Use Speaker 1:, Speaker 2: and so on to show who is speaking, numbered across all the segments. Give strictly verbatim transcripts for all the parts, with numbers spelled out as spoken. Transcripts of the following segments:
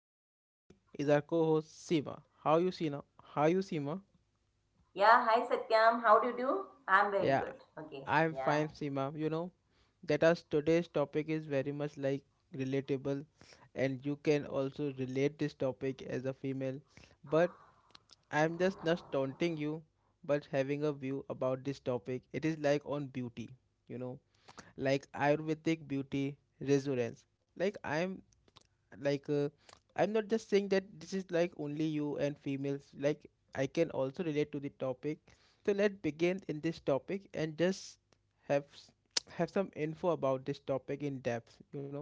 Speaker 1: and with me is our co-host Seema. How you Seema? How you Seema?
Speaker 2: Yeah, hi Satyam. How do you do? I'm very
Speaker 1: Yeah,
Speaker 2: good. Okay.
Speaker 1: I'm
Speaker 2: Yeah.
Speaker 1: fine Seema. You know that us today's topic is very much like relatable, and you can also relate this topic as a female. But I'm just not taunting you, but having a view about this topic. It is like on beauty, you know, like Ayurvedic beauty resurgence. Like I'm like uh, I'm not just saying that this is like only you and females like I can also relate to the topic. So let's begin in this topic and just have s- have some info about this topic in depth. You know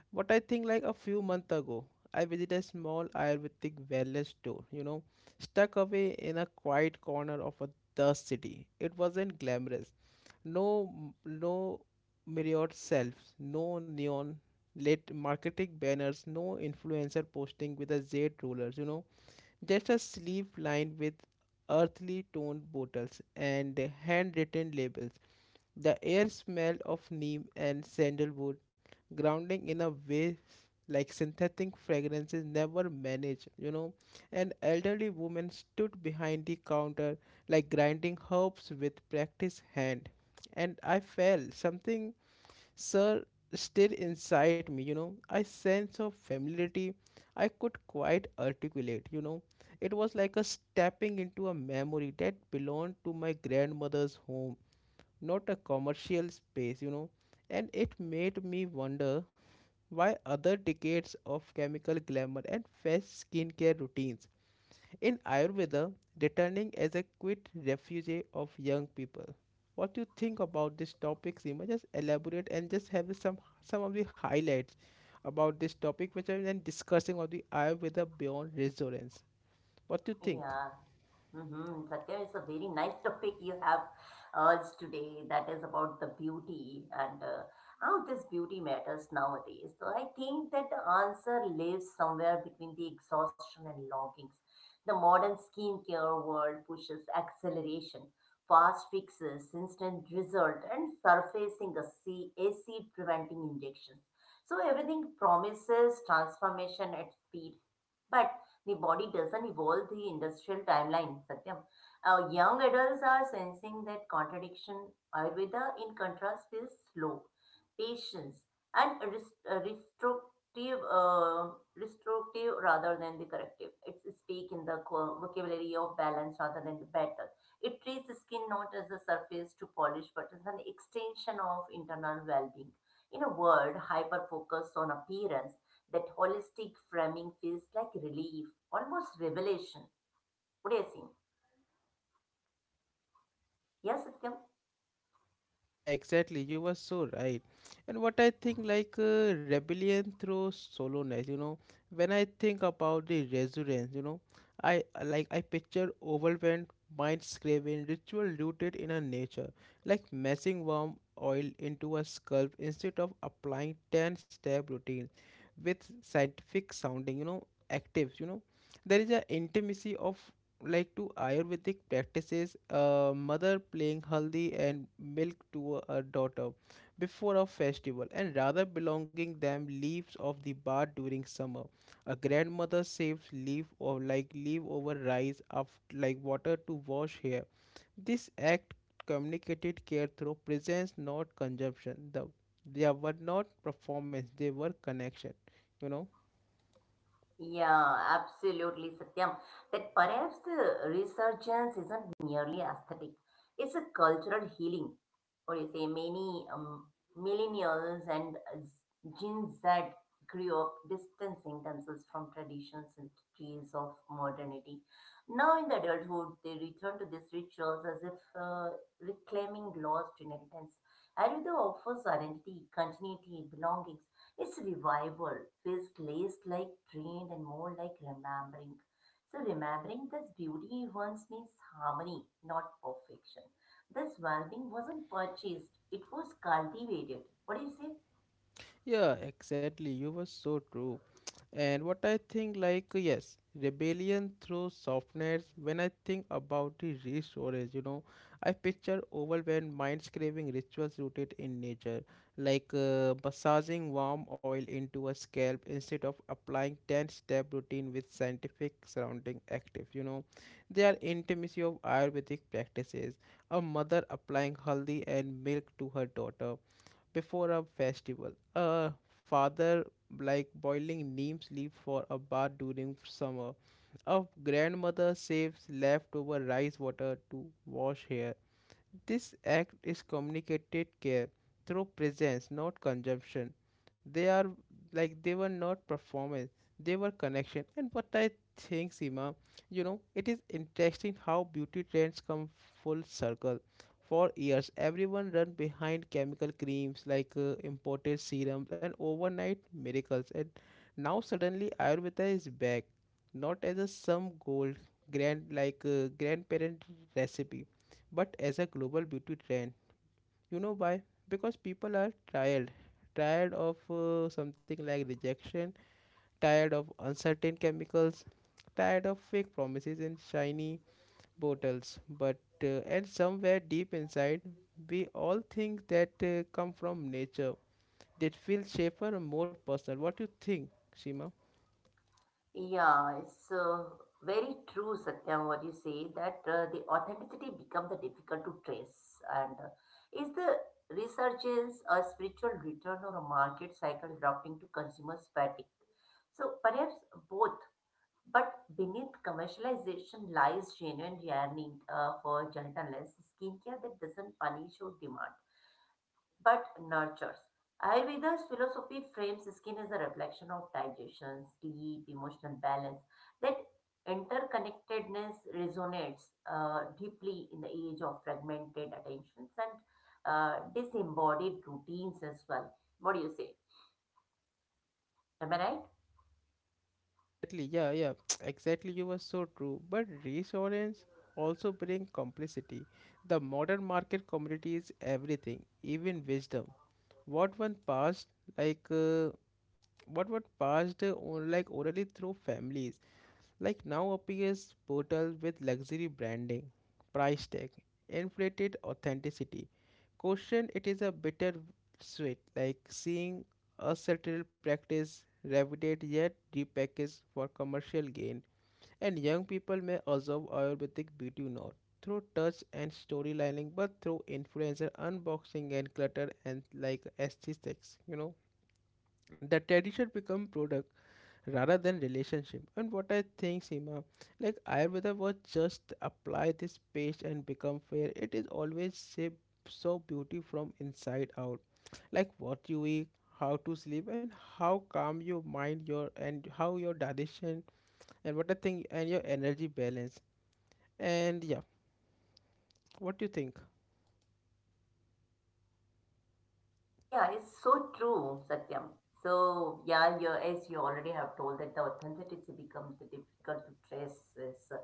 Speaker 1: what I think, like a few months ago I visited a small ayurvedic wellness store, you know, stuck away in a quiet corner of a the city. It wasn't glamorous, no, no myriad selves, no neon lit marketing banners, no influencer posting with a Z rulers, you know, just a sleeve lined with earthly toned bottles and handwritten labels. The air smelled of neem and sandalwood, grounding in a way like synthetic fragrances never manage, you know. An elderly woman stood behind the counter, like grinding herbs with practiced hand. And I felt something sir still inside me, you know, a sense of familiarity I could quite articulate, you know. It was like a stepping into a memory that belonged to my grandmother's home, not a commercial space, you know. And it made me wonder why other decades of chemical glamour and fast skincare routines in Ayurveda returning as a quit refugee of young people. What do you think about this topic, Seema? Just elaborate and just have some some of the highlights about this topic which I am been discussing about the Ayurveda beyond resonance. What do you think?
Speaker 2: Yeah. Mm-hmm. Satya, it's a very nice topic you have urged today. That is about the beauty and uh, how this beauty matters nowadays. So I think that the answer lives somewhere between the exhaustion and longings. The modern skincare world pushes acceleration, fast fixes, instant result, and surfacing a sea- acid preventing injections. So everything promises transformation at speed but the body doesn't evolve the industrial timeline, Satyam. Uh, young adults are sensing that contradiction. Ayurveda, in contrast, is slow, patience, and rest- uh, restrictive, uh, restrictive rather than the corrective. It's speak in the co- vocabulary of balance rather than the battle. It treats the skin not as a surface to polish, but as an extension of internal well-being. In a word, hyper focus on appearance that holistic framing feels like relief, almost revelation. What do you think? Yeah, Satyam?
Speaker 1: Yeah, exactly. You were so right. And what I think, like uh, rebellion through solowness, you know, when I think about the resurgence, you know, I uh, like I picture overwhelmed mind scraping ritual rooted in a nature, like messing warm oil into a scalp instead of applying ten step routine with scientific sounding, you know, actives, you know. There is a intimacy of like to Ayurvedic practices, a mother playing haldi and milk to a daughter before a festival, and rather belonging them leaves of the bar during summer. A grandmother saves leaf or like leaf over rice of like water to wash hair. This act communicated care through presence, not consumption. The, they were not performance; they were connection. You know.
Speaker 2: Yeah, absolutely, Satyam. That perhaps the resurgence isn't merely aesthetic, it's a cultural healing. What do you say, many um, millennials and uh, Gen Z grew up distancing themselves from traditional centuries of modernity. Now, in the adulthood, they return to these rituals as if uh, reclaiming lost inheritance. Ayurveda offers identity, continuity, belongings. Its revival feels less like drained and more like remembering. So, remembering this beauty once means harmony, not perfection. This welding wasn't purchased, it was cultivated. What do you say?
Speaker 1: Yeah, exactly. You were so true. And what I think, like, yes, rebellion through softness. When I think about the resource, you know, I picture overwhelmed minds craving rituals rooted in nature, like uh, massaging warm oil into a scalp instead of applying ten step routine with scientific surrounding active. You know, they are intimacy of Ayurvedic practices. A mother applying haldi and milk to her daughter before a festival. A father like boiling neem leaf for a bath during summer. A grandmother saves leftover rice water to wash hair. This act is communicated care through presence, not consumption. They are like they were not performance, they were connection. And what I think, Seema, you know, it is interesting how beauty trends come full circle. For years, everyone run behind chemical creams like uh, imported serums and overnight miracles. And now suddenly Ayurveda is back, not as a some gold grand like uh, grandparent recipe but as a global beauty trend. You know why? Because people are tired, tired of uh, something like rejection, tired of uncertain chemicals, tired of fake promises in shiny bottles. But uh, and somewhere deep inside, we all think that uh, come from nature. That feels safer and more personal. What do you think, Shima?
Speaker 2: Yeah, it's uh, very true, Satyam, what you say that uh, the authenticity become the difficult to trace. And uh, is the resurgence a spiritual return or a market cycle adapting to consumer's fatigue? So perhaps both, but beneath commercialization lies genuine yearning uh, for gentleness, skincare that doesn't punish or demand, but nurtures. Ayurveda's philosophy frames skin as a reflection of digestion, sleep, emotional balance. That interconnectedness resonates uh, deeply in the age of fragmented attentions and uh, disembodied routines as well. What do you say? Am I right?
Speaker 1: Exactly, yeah, yeah, exactly. You were so true. But reassurance also bring complicity. The modern market community is everything, even wisdom. What one passed, like uh, what one passed, uh, on, like orally through families, like now appears portal with luxury branding, price tag, inflated authenticity. Question it is a bitter sweet, like seeing a satirical practice revided yet repackaged for commercial gain. And young people may observe Ayurvedic beauty not through touch and storylining, but through influencer unboxing and clutter and like aesthetics. You know, the tradition become product rather than relationship. And what I think sima, like ayurveda was just apply this page and become fair it is always shape. So beauty from inside out, like what you eat, how to sleep and how calm your mind your and how your digestion, and what I think and your energy balance. And yeah, what do you think?
Speaker 2: Yeah, it's so true, Satyam. So, yeah, you, as you already have told that the authenticity becomes the difficult to trace as uh,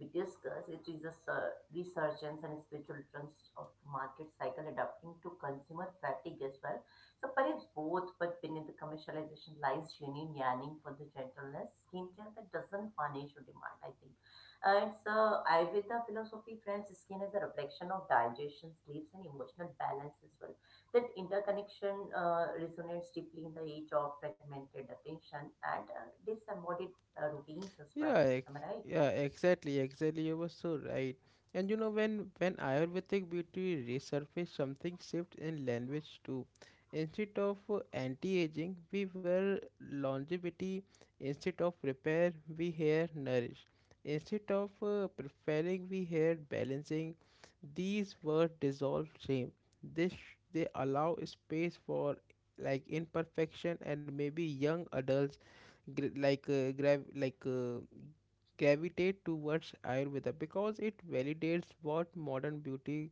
Speaker 2: we discussed. It is a sur- resurgence and spiritual trends of the market cycle adapting to consumer fatigue as well. So perhaps both, but beneath the commercialization lies genuine yearning for the gentleness, skincare that doesn't punish or demand, I think. And so Ayurveda philosophy frames skin as a reflection of digestion, sleeps, and emotional balance as well, that interconnection uh, resonates deeply in the age of fragmented attention and uh, disembodied uh, routines as well.
Speaker 1: Yeah,
Speaker 2: Am I
Speaker 1: ex-
Speaker 2: right?
Speaker 1: yeah, exactly, exactly. You were so right. And you know when when Ayurvedic beauty resurfaced, something shift in language too. Instead of uh, anti-aging, we were longevity. Instead of repair, we hear nourish. Instead of uh, preferring, we hear balancing. These words dissolve shame. This they allow space for like imperfection, and maybe young adults gr- like uh, grav like uh, gravitate towards Ayurveda because it validates what modern beauty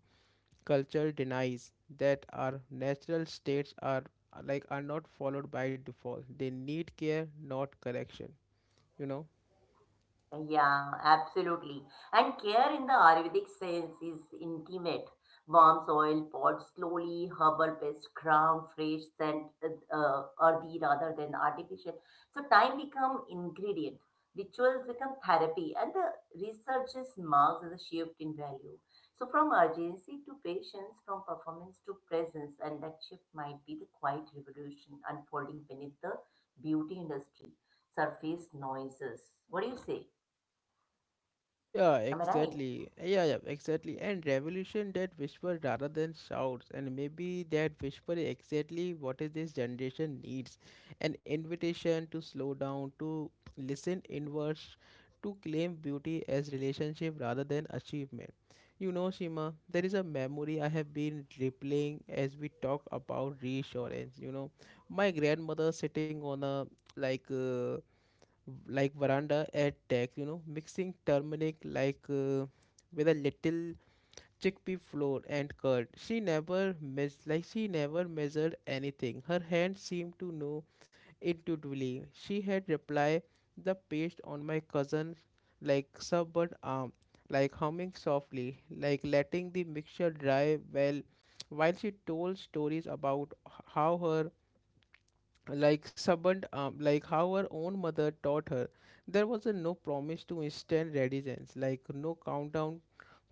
Speaker 1: culture denies, that our natural states are like are not followed by default. They need care, not correction. You know.
Speaker 2: Yeah, absolutely. And care in the Ayurvedic sense is intimate. Warm soil, pot slowly, herbal paste, ground, fresh scent, uh, earthy rather than artificial. So time become ingredient, rituals become therapy, and the researches marks as a shift in value. So from urgency to patience, from performance to presence, and that shift might be the quiet revolution unfolding beneath the beauty industry surface noises. What do you say?
Speaker 1: Yeah,
Speaker 2: Am I right?
Speaker 1: exactly. Yeah, yeah, exactly. And revolution that whisper rather than shouts, and maybe that whisper is exactly what is this generation needs, an invitation to slow down, to listen inwards, to claim beauty as relationship rather than achievement. You know, Shima, there is a memory I have been replaying as we talk about reassurance. You know, my grandmother sitting on a like. Uh, like veranda at deck, you know, mixing turmeric like uh, with a little chickpea flour and curd. She never mes- like she never measured anything. Her hand seemed to know intuitively. She had replied the paste on my cousin's like subvert arm, like humming softly, like letting the mixture dry well while she told stories about h- how her like someone um, like how her own mother taught her. There was a no promise to instant readiness, like no countdown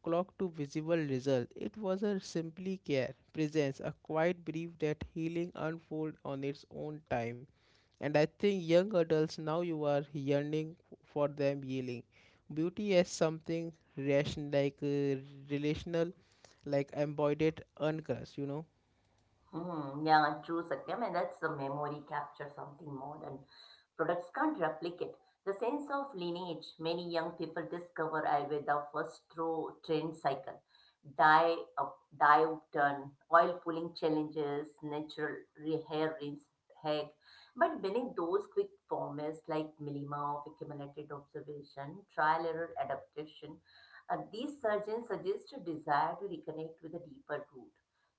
Speaker 1: clock to visible result. It was a simply care presence, a quiet belief that healing unfold on its own time. And I think young adults now you are yearning for them healing beauty as something rational, like uh, relational, like embodied uncrushed, you know.
Speaker 2: Hmm. Yeah, like true, Satyam. And that's the memory capture something modern. Products can't replicate. The sense of lineage many young people discover uh, with the first through trend cycle. Dye, up, dive turn, oil pulling challenges, natural re- hair rinse, hack. But beneath those quick formulas like milima of accumulated observation, trial error adaptation, uh, these surgeons suggest a desire to reconnect with a deeper root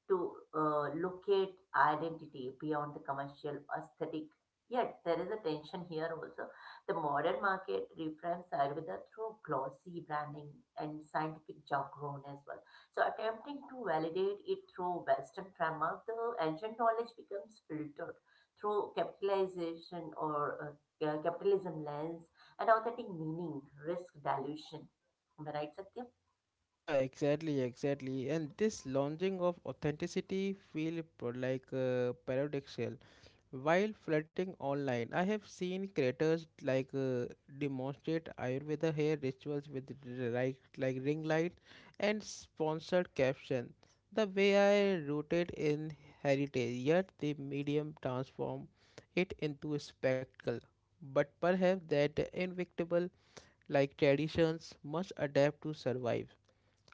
Speaker 2: to uh, locate identity beyond the commercial aesthetic. Yet there is a tension here also. The modern market reframes Ayurveda through glossy branding and scientific jargon as well. So attempting to validate it through Western framework, the ancient knowledge becomes filtered through capitalization or uh, capitalism lens and authentic meaning, risk dilution. Am I right, Satya?
Speaker 1: Yeah, exactly, exactly. And this launching of authenticity feel pro- like uh, paradoxical. While flirting online, I have seen creators like uh, demonstrate Ayurveda hair rituals with r- like like ring light and sponsored caption. The way I rooted in heritage, yet the medium transform it into a spectacle. But perhaps that inevitable, like traditions must adapt to survive.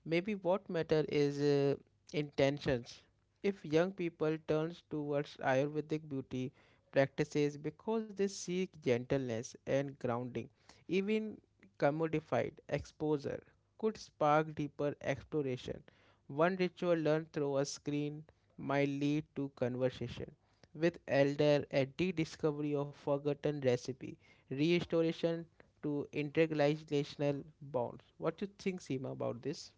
Speaker 1: Maybe what matter is uh, intentions. If young people turns towards Ayurvedic beauty practices because they seek gentleness and grounding, even commodified exposure could spark deeper exploration. One ritual learned through a screen might lead to conversation with elder, a rediscovery of forgotten recipe, restoration to intergenerational bonds. What you think, Seema, about this?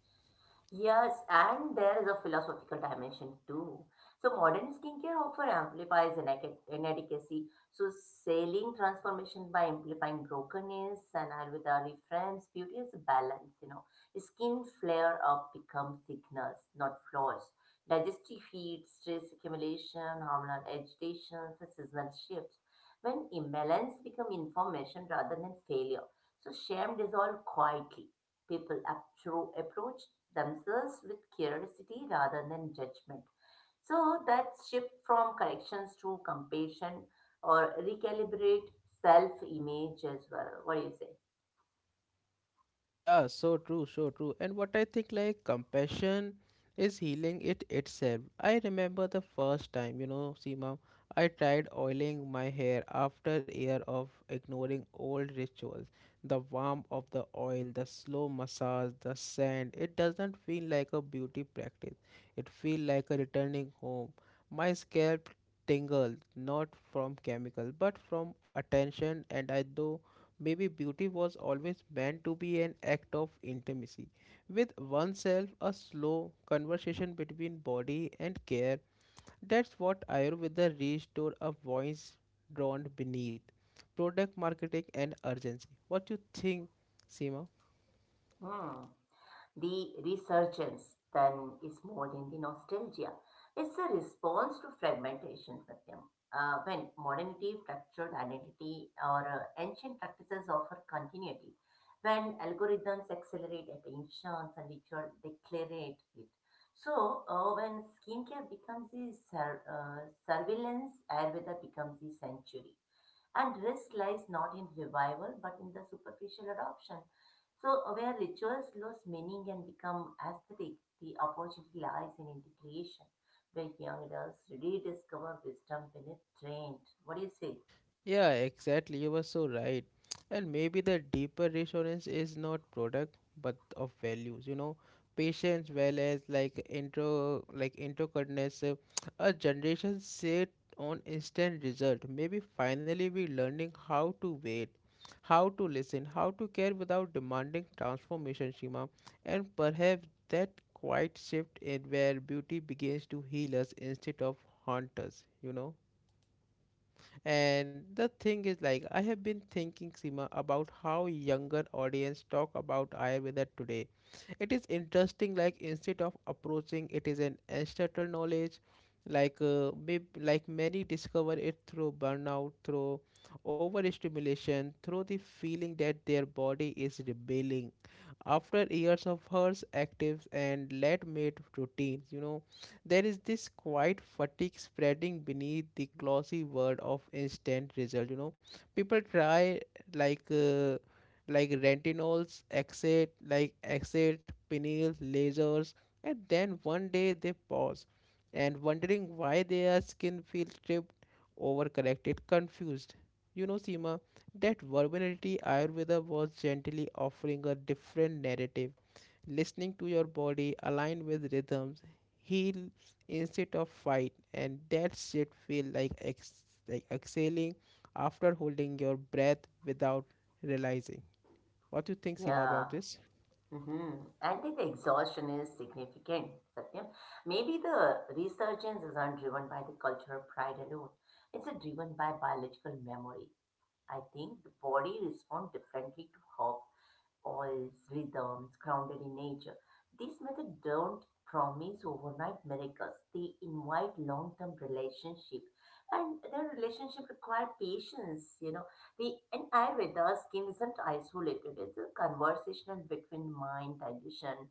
Speaker 2: Yes, and there is a philosophical dimension too. So modern skincare often amplifies inadequ- inadequacy. So selling transformation by amplifying brokenness and Ayurveda reframes beauty as a balance, you know. Skin flare up becomes thickness, not flaws. Digestive heat, stress accumulation, hormonal agitation, and seasonal shifts. When imbalance become information rather than failure. So shame dissolve quietly, people appro- approach themselves with curiosity rather than judgment. So that shift from corrections to compassion or recalibrate self image as well. What do you say?
Speaker 1: Yeah, so true, so true. And what I think, like, compassion is healing it itself. I remember the first time, you know, Seema, I tried oiling my hair after year of ignoring old rituals. The warmth of the oil, the slow massage, the scent, it doesn't feel like a beauty practice. It feels like a returning home. My scalp tingled, not from chemicals, but from attention, and I do. Maybe beauty was always meant to be an act of intimacy with oneself, a slow conversation between body and care. That's what Ayurveda restored, a voice drowned beneath product marketing and urgency. What you think, Seema?
Speaker 2: Hmm. The resurgence, then, is more than the nostalgia. It's a response to fragmentation, Satyam. Uh, when modernity fractured identity or uh, ancient practices offer continuity, when algorithms accelerate attention and ritual declarate it. So, uh, when skincare becomes the sur- uh, surveillance, Ayurveda becomes the sanctuary. And risk lies not in revival, but in the superficial adoption. So, where rituals lose meaning and become aesthetic, the opportunity lies in integration, where young adults rediscover wisdom beneath trained. What do you say?
Speaker 1: Yeah, exactly. You were so right. And maybe the deeper reassurance is not product but of values, you know, patience, well as like intro, like introcordness. Uh, a generation set on instant result. Maybe finally we're learning how to wait, how to listen, how to care without demanding transformation, Shima. And perhaps that quiet shift in where beauty begins to heal us instead of haunt us, you know. And the thing is, like, I have been thinking, Sima, about how younger audience talk about Ayurveda today. It is interesting, like, instead of approaching it is an ancestral knowledge, like, uh, may, like many discover it through burnout, through overstimulation, through the feeling that their body is rebelling. After years of harsh active and lead made routines, you know, there is this quiet fatigue spreading beneath the glossy word of instant result. You know, people try like uh, like retinols, exit, like exit, pineal, lasers, and then one day they pause and wondering why their skin feels stripped, overcorrected, confused. You know, Seema, that vulnerability Ayurveda was gently offering a different narrative, listening to your body, align with rhythms, heal instead of fight, and that shit feel like ex- like exhaling after holding your breath without realizing. What do you think, Seema,
Speaker 2: Yeah.
Speaker 1: about this?
Speaker 2: Mm-hmm. I think the exhaustion is significant, Satyam. Maybe the resurgence is not driven by the cultural pride alone. It's a driven by biological memory. I think the body responds differently to hope oils, rhythms grounded in nature. This method don't promise overnight miracles. They invite long-term relationship, and their relationship require patience. You know, the and Ayurveda scheme isn't isolated. It's a conversational between mind, digestion,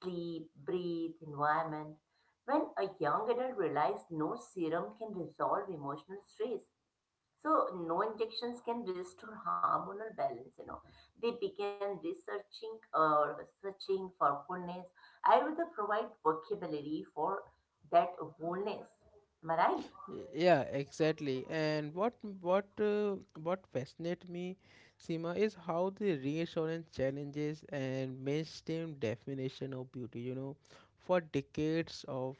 Speaker 2: sleep, breathe, environment. When a young adult realizes no serum can resolve emotional stress, so no injections can restore hormonal balance, you know. They began researching or searching for fullness. Ayurveda provide vocabulary for that wholeness. Am I right?
Speaker 1: Y- Yeah, exactly. And what what uh, what fascinates me, Seema, is how the reassurance challenges and mainstream definition of beauty. You know, for decades of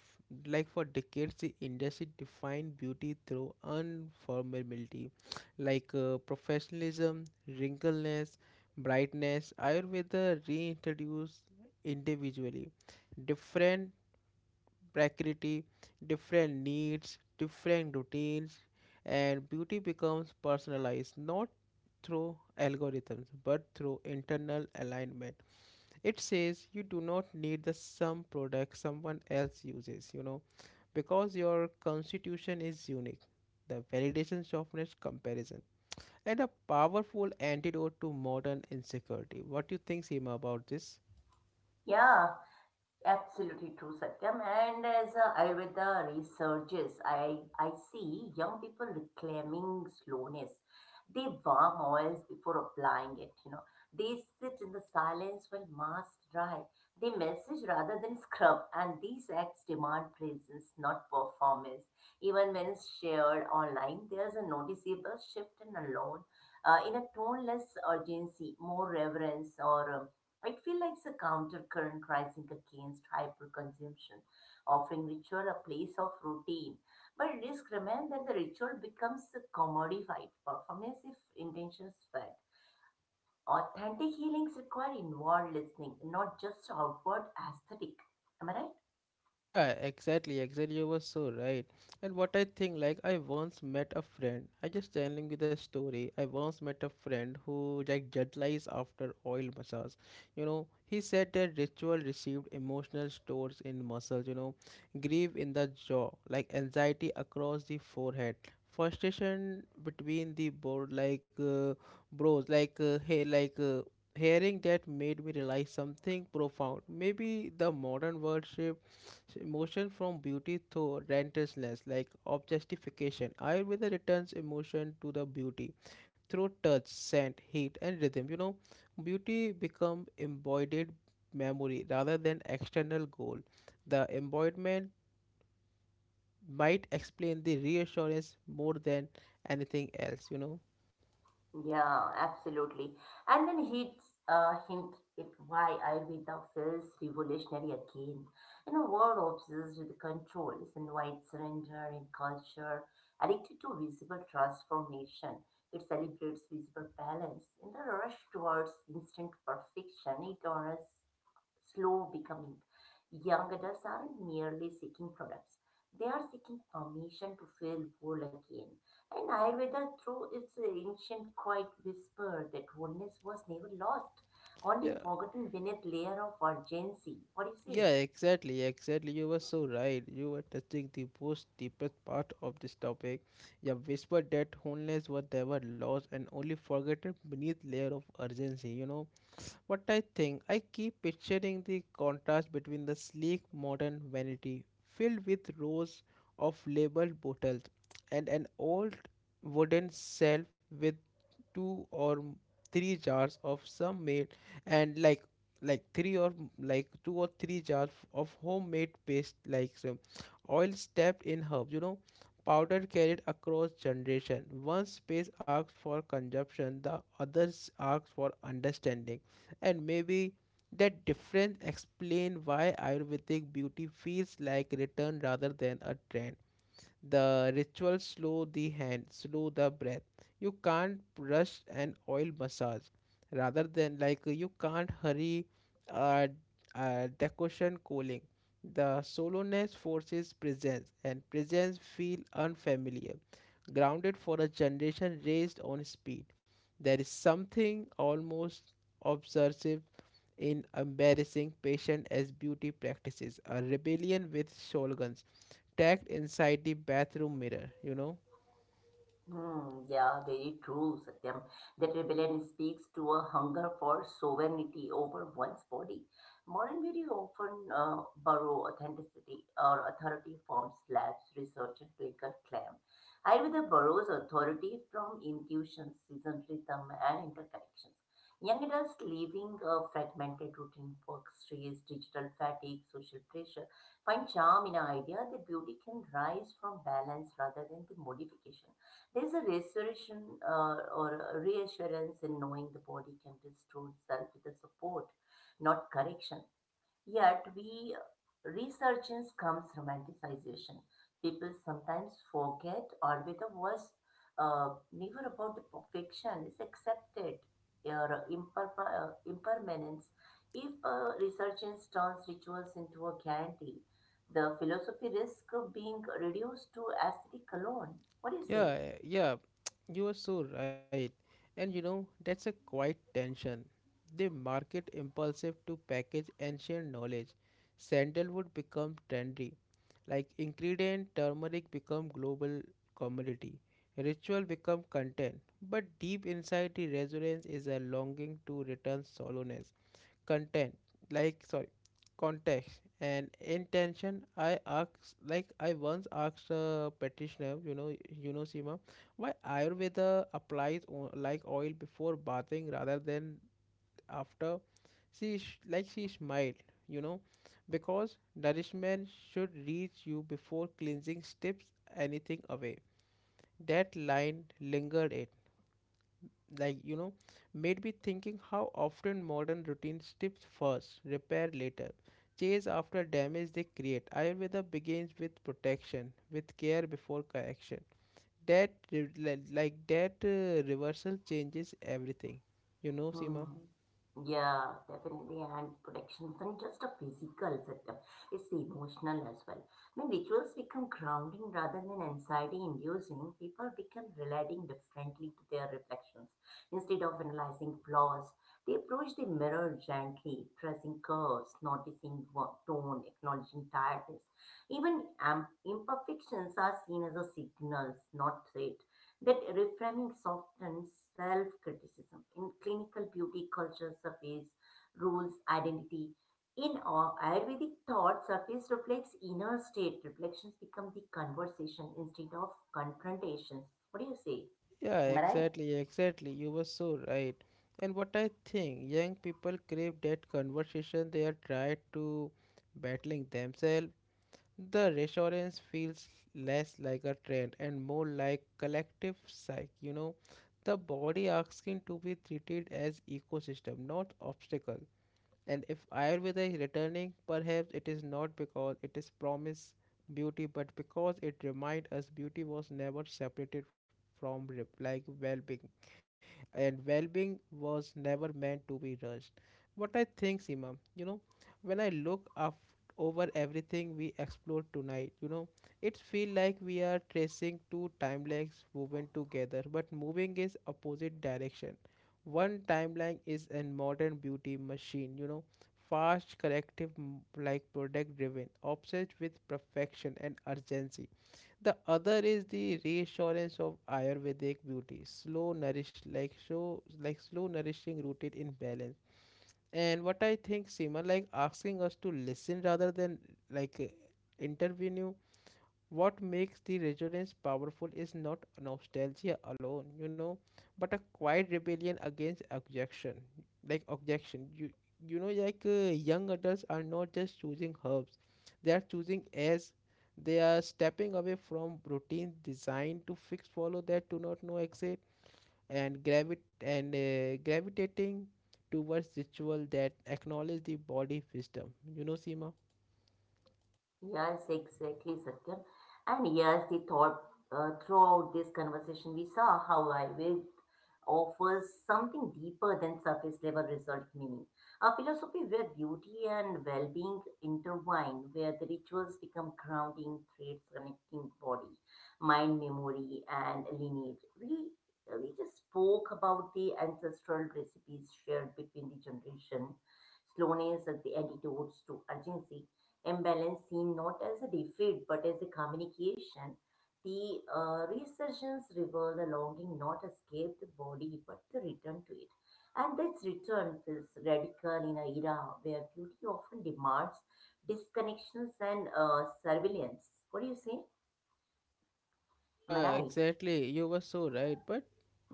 Speaker 1: like for decades, the industry defined beauty through unformality, like uh, professionalism, wrinkleness, brightness. Ayurveda reintroduced individually, different precarity, different needs, different routines, and beauty becomes personalized not through algorithms but through internal alignment. It says you do not need the sum product someone else uses, you know, because your constitution is unique. The validation softness comparison and a powerful antidote to modern insecurity. What do you think, Seema, about this?
Speaker 2: Yeah, absolutely true, Satyam. And as uh, Ayurveda resurges, I, I see young people reclaiming slowness. They warm oils before applying it, you know. They sit in the silence while masks dry. They message rather than scrub. And these acts demand presence, not performance. Even when shared online, there's a noticeable shift in alone, uh, in a toneless urgency, more reverence or um, I feel like it's a countercurrent rising against hyperconsumption, offering ritual a place of routine. But risk remains that the ritual becomes commodified performance if intentions fed. Authentic healings require inward listening, not just outward aesthetic. Am I right?
Speaker 1: Yeah, exactly, exactly. You were so right. And what I think, like, I once met a friend. I just telling you the story. I once met a friend who like jet lies after oil massage. You know, he said that ritual received emotional stores in muscles. You know, grief in the jaw, like anxiety across the forehead, frustration between the board, like uh, bros, like uh, hey, like. Uh, Hearing that made me realize something profound. Maybe the modern world shift so emotion from beauty through relentlessness, like objectification. Ayurveda returns emotion to the beauty through touch, scent, heat, and rhythm. You know, beauty become embodied memory rather than external goal. The embodiment might explain the reassurance more than anything else. You know.
Speaker 2: Yeah, absolutely. And then he's uh, hint it why Ayurveda feels revolutionary again. In a world obsessed with control, it's invite surrender in culture, addicted to visible transformation. It celebrates visible balance. In the rush towards instant perfection, it honors slow becoming. Young adults aren't merely seeking products, they are seeking permission to feel whole again. And Ayurveda, through its ancient quiet whisper that wholeness was never lost, only
Speaker 1: Yeah.
Speaker 2: forgotten beneath layer of urgency. What do you say?
Speaker 1: Yeah, exactly, exactly. You were so right. You were touching the most deepest part of this topic. You whispered that homeless were they lost and only forgotten beneath layer of urgency. You know what I think? I keep picturing the contrast between the sleek modern vanity filled with rows of labeled bottles and an old wooden shelf with two or m- three jars of some made and like like three or m- like two or three jars of homemade paste like so, oil steeped in herbs, you know, powder carried across generation. One space asks for consumption, the others asks for understanding, and maybe that difference explain why ayurvedic beauty feels like return rather than a trend. The ritual slow the hand, slow the breath. You can't rush an oil massage. Rather than like you can't hurry uh, uh, decoction cooling. The solowness forces presence, and presence feel unfamiliar, grounded for a generation raised on speed. There is something almost obsessive in embarrassing patient as beauty practices, a rebellion with shotguns tagged inside the bathroom mirror, you know?
Speaker 2: Hmm, yeah, very true, Satyam. That rebellion speaks to a hunger for sovereignty over one's body. Modern beauty often uh, borrow authenticity or authority from slabs, research, and clinical claim. Ayurveda borrows authority from intuition, season rhythm, and interconnections. Young adults living a fragmented routine, work stress, digital fatigue, social pressure, find charm in an idea that beauty can rise from balance rather than the modification. There's a restoration uh, or a reassurance in knowing the body can restore itself with the support, not correction. Yet, we resurgence comes romanticization. People sometimes forget, or with the worst, uh, never about the perfection is accepted or imper- uh, impermanence. If a resurgence turns rituals into a guarantee, the philosophy risk being reduced to aesthetic alone. What do you say?
Speaker 1: Yeah, yeah, you are so right. And you know, that's a quiet tension. They market impulsive to package ancient knowledge. Sandalwood become trendy. Like ingredient, turmeric become global commodity. Ritual become content. But deep inside the resonance is a longing to return solo content, like sorry, context and intention. I asked like i once asked a practitioner, you know. You know, Sima, why Ayurveda applies o- like oil before bathing rather than after? She sh- like she smiled, you know, because nourishment should reach you before cleansing strips anything away. That line lingered. It like you know made me thinking how often modern routines tips first, repair later, chase after damage they create. Ayurveda begins with protection, with care before correction. That re- li- like that uh, reversal changes everything, you know,
Speaker 2: Hmm.
Speaker 1: Seema.
Speaker 2: Yeah, definitely. And protection isn't just a physical system, it's emotional as well. When rituals become grounding rather than anxiety inducing, people become relating differently to their reflections. Instead of analyzing flaws, they approach the mirror gently, pressing curves, noticing wo- tone, acknowledging tiredness. Even um, imperfections are seen as a signals, not threat, that reframing softens self-criticism. In clinical beauty culture surface rules identity. In our Ayurvedic thought, surface reflects inner state. Reflections become the conversation instead of confrontations. What do you say?
Speaker 1: Yeah,
Speaker 2: Am I right?
Speaker 1: exactly, exactly, you were so right. And what I think, young people crave that conversation. They are tried to battling themselves. The reassurance feels less like a trend and more like collective psych, you know, the body asking to be treated as ecosystem, not obstacle. And if Ayurveda is returning, perhaps it is not because it is promised beauty, but because it reminds us beauty was never separated from re- like well-being, and well-being was never meant to be rushed. What I think, Seema, you know, when I look up over everything we explored tonight, you know, it feels like we are tracing two timelines woven together, but moving is opposite direction. One timeline is a modern beauty machine, you know, fast, corrective, m- like product driven, obsessed with perfection and urgency. The other is the reassurance of Ayurvedic beauty, slow nourish like show like slow nourishing rooted in balance. And what I think, Seema, like asking us to listen rather than like uh, intervene. What makes the resonance powerful is not nostalgia alone, you know, but a quiet rebellion against objection. Like objection, you you know, like uh, young adults are not just choosing herbs; they are choosing as they are stepping away from routine designed to fix follow that do not know exit, and gravit and uh, gravitating towards ritual that acknowledge the body wisdom. You know, Seema.
Speaker 2: Yes, exactly, Satyam. And yes, the thought uh, throughout this conversation, we saw how Ayurveda offers something deeper than surface level result meaning. A philosophy where beauty and well being intertwine, where the rituals become grounding threads connecting body, mind, memory, and lineage. We, we just spoke about the ancestral recipes shared between the generation, slowness as the antidotes to urgency, imbalance seen not as a defeat but as a communication. The uh, resurgence revealed a longing not escaped the body but the return to it. And this return feels radical in an era where beauty often demands disconnections and uh, surveillance. What do you say? Am I
Speaker 1: Uh,
Speaker 2: right?
Speaker 1: exactly. You were so right. But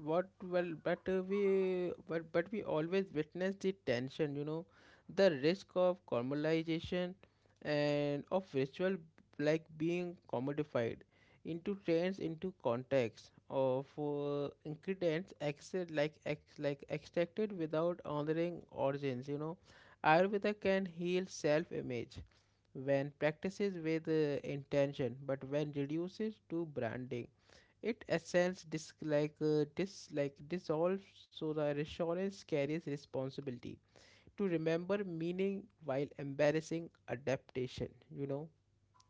Speaker 1: what well, but uh, we but but we always witness the tension. You know, the risk of caramelization and of ritual like being commodified into trends, into context of uh, ingredients exit like ex like extracted without honoring origins. You know, Ayurveda can heal self-image when practices with uh, intention, but when reduces to branding it ascends dis- like uh, dis- like dissolves, so the reassurance carries responsibility to remember meaning while embarrassing adaptation. You know,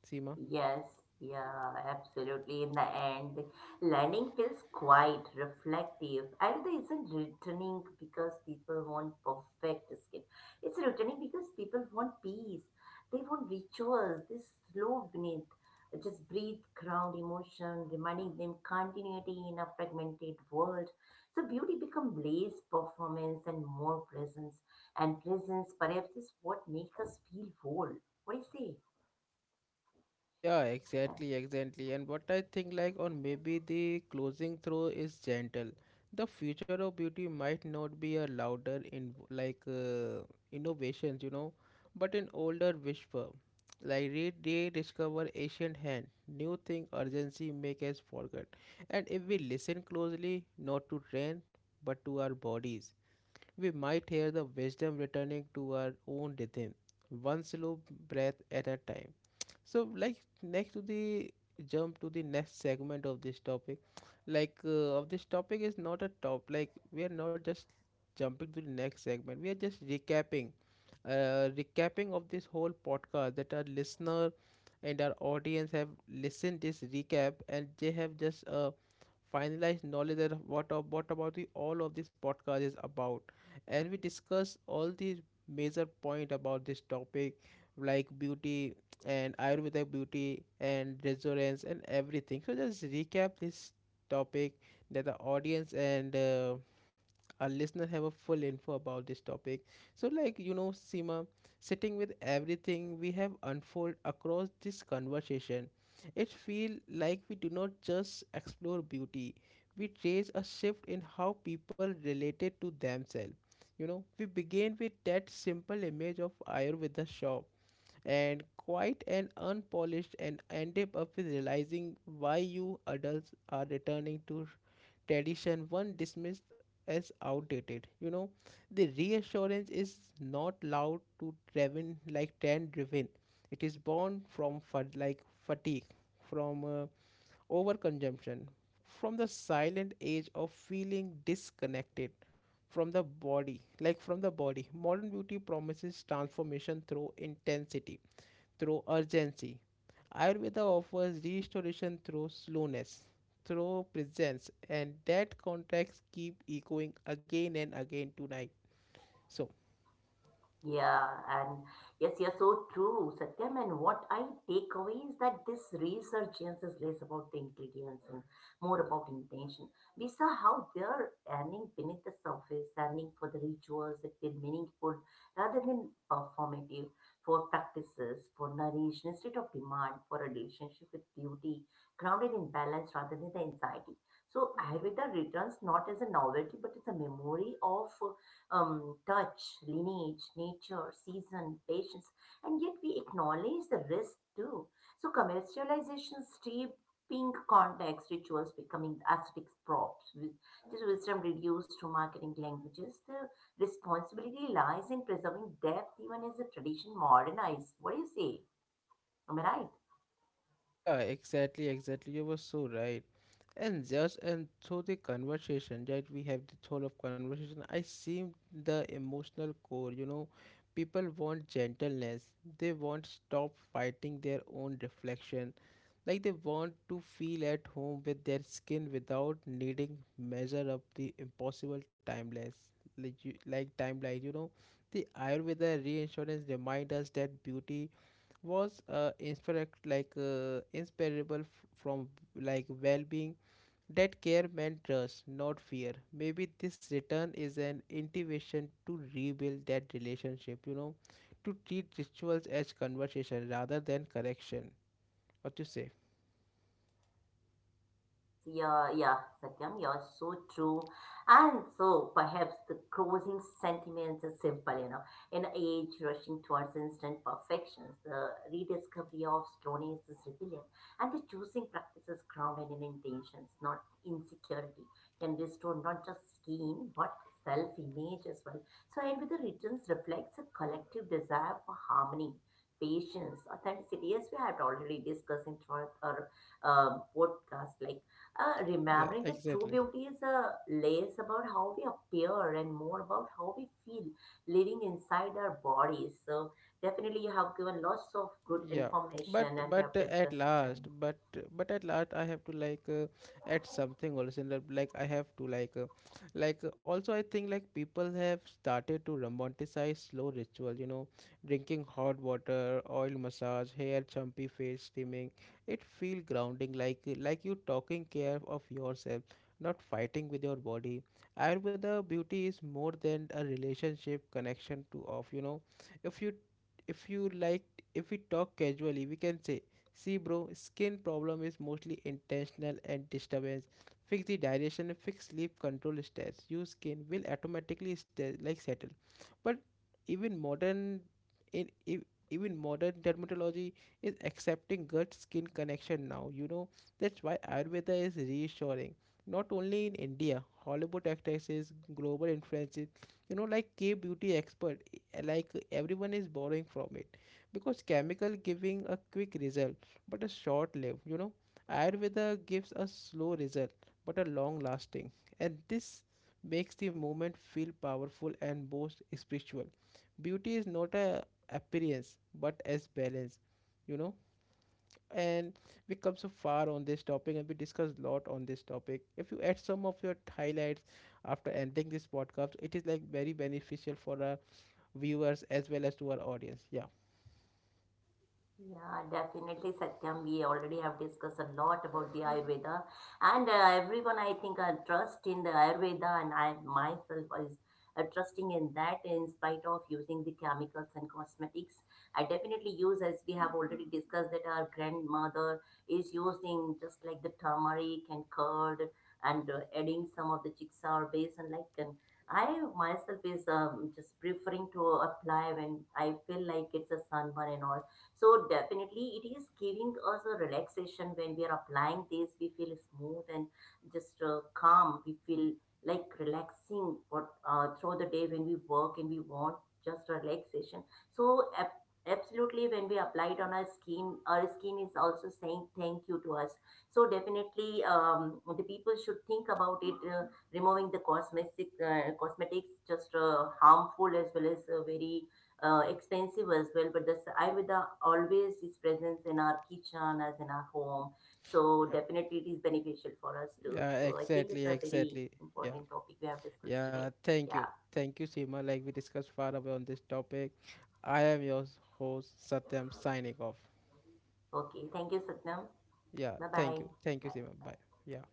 Speaker 1: Seema.
Speaker 2: Yes, yeah, absolutely. In the end, learning feels quite reflective, and it isn't returning because people want perfect skill. It's returning because people want peace. They want rituals. They slow beneath, just breathe, ground emotion, reminding them continuity in a fragmented world. So beauty becomes less performance and more presence. And presence, perhaps, is what makes us feel whole. What do you say?
Speaker 1: Yeah, exactly, exactly. And what I think, like, or maybe the closing through is gentle. The future of beauty might not be a louder in like uh, innovations, you know, but an older whisper. Like re rediscover ancient hand, new thing urgency make us forget. And if we listen closely, not to trend, but to our bodies, we might hear the wisdom returning to our own rhythm, one slow breath at a time. So like next to the jump to the next segment of this topic, like uh, of this topic is not a top, like we are not just jumping to the next segment, we are just recapping, uh, recapping of this whole podcast that our listener and our audience have listened this recap, and they have just uh, finalized knowledge that what of what about the all of this podcast is about, and we discuss all these major point about this topic, like beauty and Ayurvedic beauty and resonance and everything. So just recap this topic that the audience and uh, our listener have a full info about this topic. So like you know, Seema, sitting with everything we have unfold across this conversation, it feel like we do not just explore beauty. We trace a shift in how people related to themselves. You know, we begin with that simple image of Ayurveda shop and quite an unpolished, and ended up with realizing why you adults are returning to tradition one dismissed as outdated. You know, the reassurance is not loud to driven like trend driven. It is born from fat- like fatigue, from uh, overconsumption, from the silent age of feeling disconnected from the body, like from the body modern beauty promises transformation through intensity, through urgency. Ayurveda offers restoration through slowness, through presence, and that context keep echoing again and again tonight. So,
Speaker 2: Yeah, and yes, you're so true, Satyam. And what I take away is that this research is less about the ingredients and more about intention. We saw how they're earning beneath the surface, earning for the rituals that feel meaningful rather than performative, for practices, for nourishment instead of demand, for a relationship with beauty, grounded in balance rather than the anxiety. So Ayurveda returns not as a novelty but as a memory of um, touch, lineage, nature, season, patience, and yet we acknowledge the risk too. So commercialization, stripping context, rituals becoming aesthetic props, with this wisdom reduced to marketing languages. The responsibility lies in preserving depth even as the tradition modernized. What do you say? Am I right?
Speaker 1: yeah, exactly, exactly. You were so right. And just and through the conversation that we have the whole of conversation, I see the emotional core, you know. People want gentleness. They want stop fighting their own reflection. Like they want to feel at home with their skin without needing measure up the impossible timeless, like, you- like timeline, you know. The Ayurveda reinsurance remind us that beauty was uh, inspired like uh, inseparable f- from like well-being, that care meant trust not fear. Maybe this return is an invitation to rebuild that relationship, you know, to treat rituals as conversation rather than correction. What you say?
Speaker 2: Yes, yeah, yeah, Satyam, you're so true. And so perhaps the closing sentiment is simple, you know, in age rushing towards instant perfections, the rediscovery of slowness is rebellion, and the choosing practices grounded in intentions, not insecurity, can restore not just skin but self-image as well. So, and with the returns reflects a collective desire for harmony. Patience, authenticity, as we had already discussed in throughout our um, podcast, like uh,
Speaker 1: Yeah,
Speaker 2: remembering that true
Speaker 1: exactly.
Speaker 2: beauty is uh, less about how we appear and more about how we feel living inside our bodies. So, definitely, you have given lots of good
Speaker 1: Yeah,
Speaker 2: information
Speaker 1: but
Speaker 2: and we have
Speaker 1: but uh, at
Speaker 2: discussed
Speaker 1: last
Speaker 2: regarding.
Speaker 1: but but at last I have to like uh, add something also in the- like I have to like uh, like uh, also I think like people have started to romanticize slow ritual, you know, drinking hot water, oil massage, hair chumpy, face steaming. It feel grounding, like uh, like you talking care of yourself, not fighting with your body. Ayurveda beauty is more than a relationship connection to, of, you know. If you if you like If we talk casually, we can say, see bro, skin problem is mostly intentional and disturbance. Fix the digestion, fix sleep, control stress. Your skin will automatically stay like settle. But even modern in e- even modern dermatology is accepting gut skin connection now. You know, that's why Ayurveda is reassuring. Not only in India, Hollywood actresses, global influences, you know, like K beauty expert, eh, like everyone is borrowing from it because chemical giving a quick result but a short lived, you know. Ayurveda gives a slow result but a long lasting, and this makes the movement feel powerful and both spiritual. Beauty is not a appearance but as balance, you know. And we come so far on this topic and we discuss a lot on this topic. If you add some of your highlights after ending this podcast, it is like very beneficial for our viewers as well as to our audience. Yeah.
Speaker 2: Yeah, definitely, Satyam. We already have discussed a lot about the Ayurveda, and uh, everyone I think uh, trust in the Ayurveda, and I myself is uh, trusting in that. In spite of using the chemicals and cosmetics, I definitely use, as we have already discussed, that our grandmother is using just like the turmeric and curd, and uh, adding some of the chicksaw base and like. And I myself is um, just preferring to apply when I feel like it's a sunburn and all, so definitely it is giving us a relaxation when we are applying this. We feel smooth and just uh, calm. We feel like relaxing what uh, through the day when we work and we want just relaxation. So ab- absolutely when we apply it on our skin, our skin is also saying thank you to us. So definitely um, the people should think about it. Uh, removing the cosmetic uh, cosmetics just uh, harmful as well as uh, very uh, expensive as well, but the Ayurveda always is present in our kitchen as in our home. So definitely it is beneficial for us too.
Speaker 1: Yeah,
Speaker 2: So I think
Speaker 1: exactly,
Speaker 2: it's a very
Speaker 1: exactly. Yeah,
Speaker 2: important topic we have discussed
Speaker 1: yeah.
Speaker 2: today.
Speaker 1: Thank you,
Speaker 2: Yeah.
Speaker 1: thank you, Seema. Like we discussed far away on this topic, I am your host Satyam signing off.
Speaker 2: Okay. Thank you, Satnam.
Speaker 1: Yeah,
Speaker 2: Bye-bye.
Speaker 1: thank you, thank you,
Speaker 2: Bye.
Speaker 1: Seema.
Speaker 2: Bye.
Speaker 1: Bye. Yeah.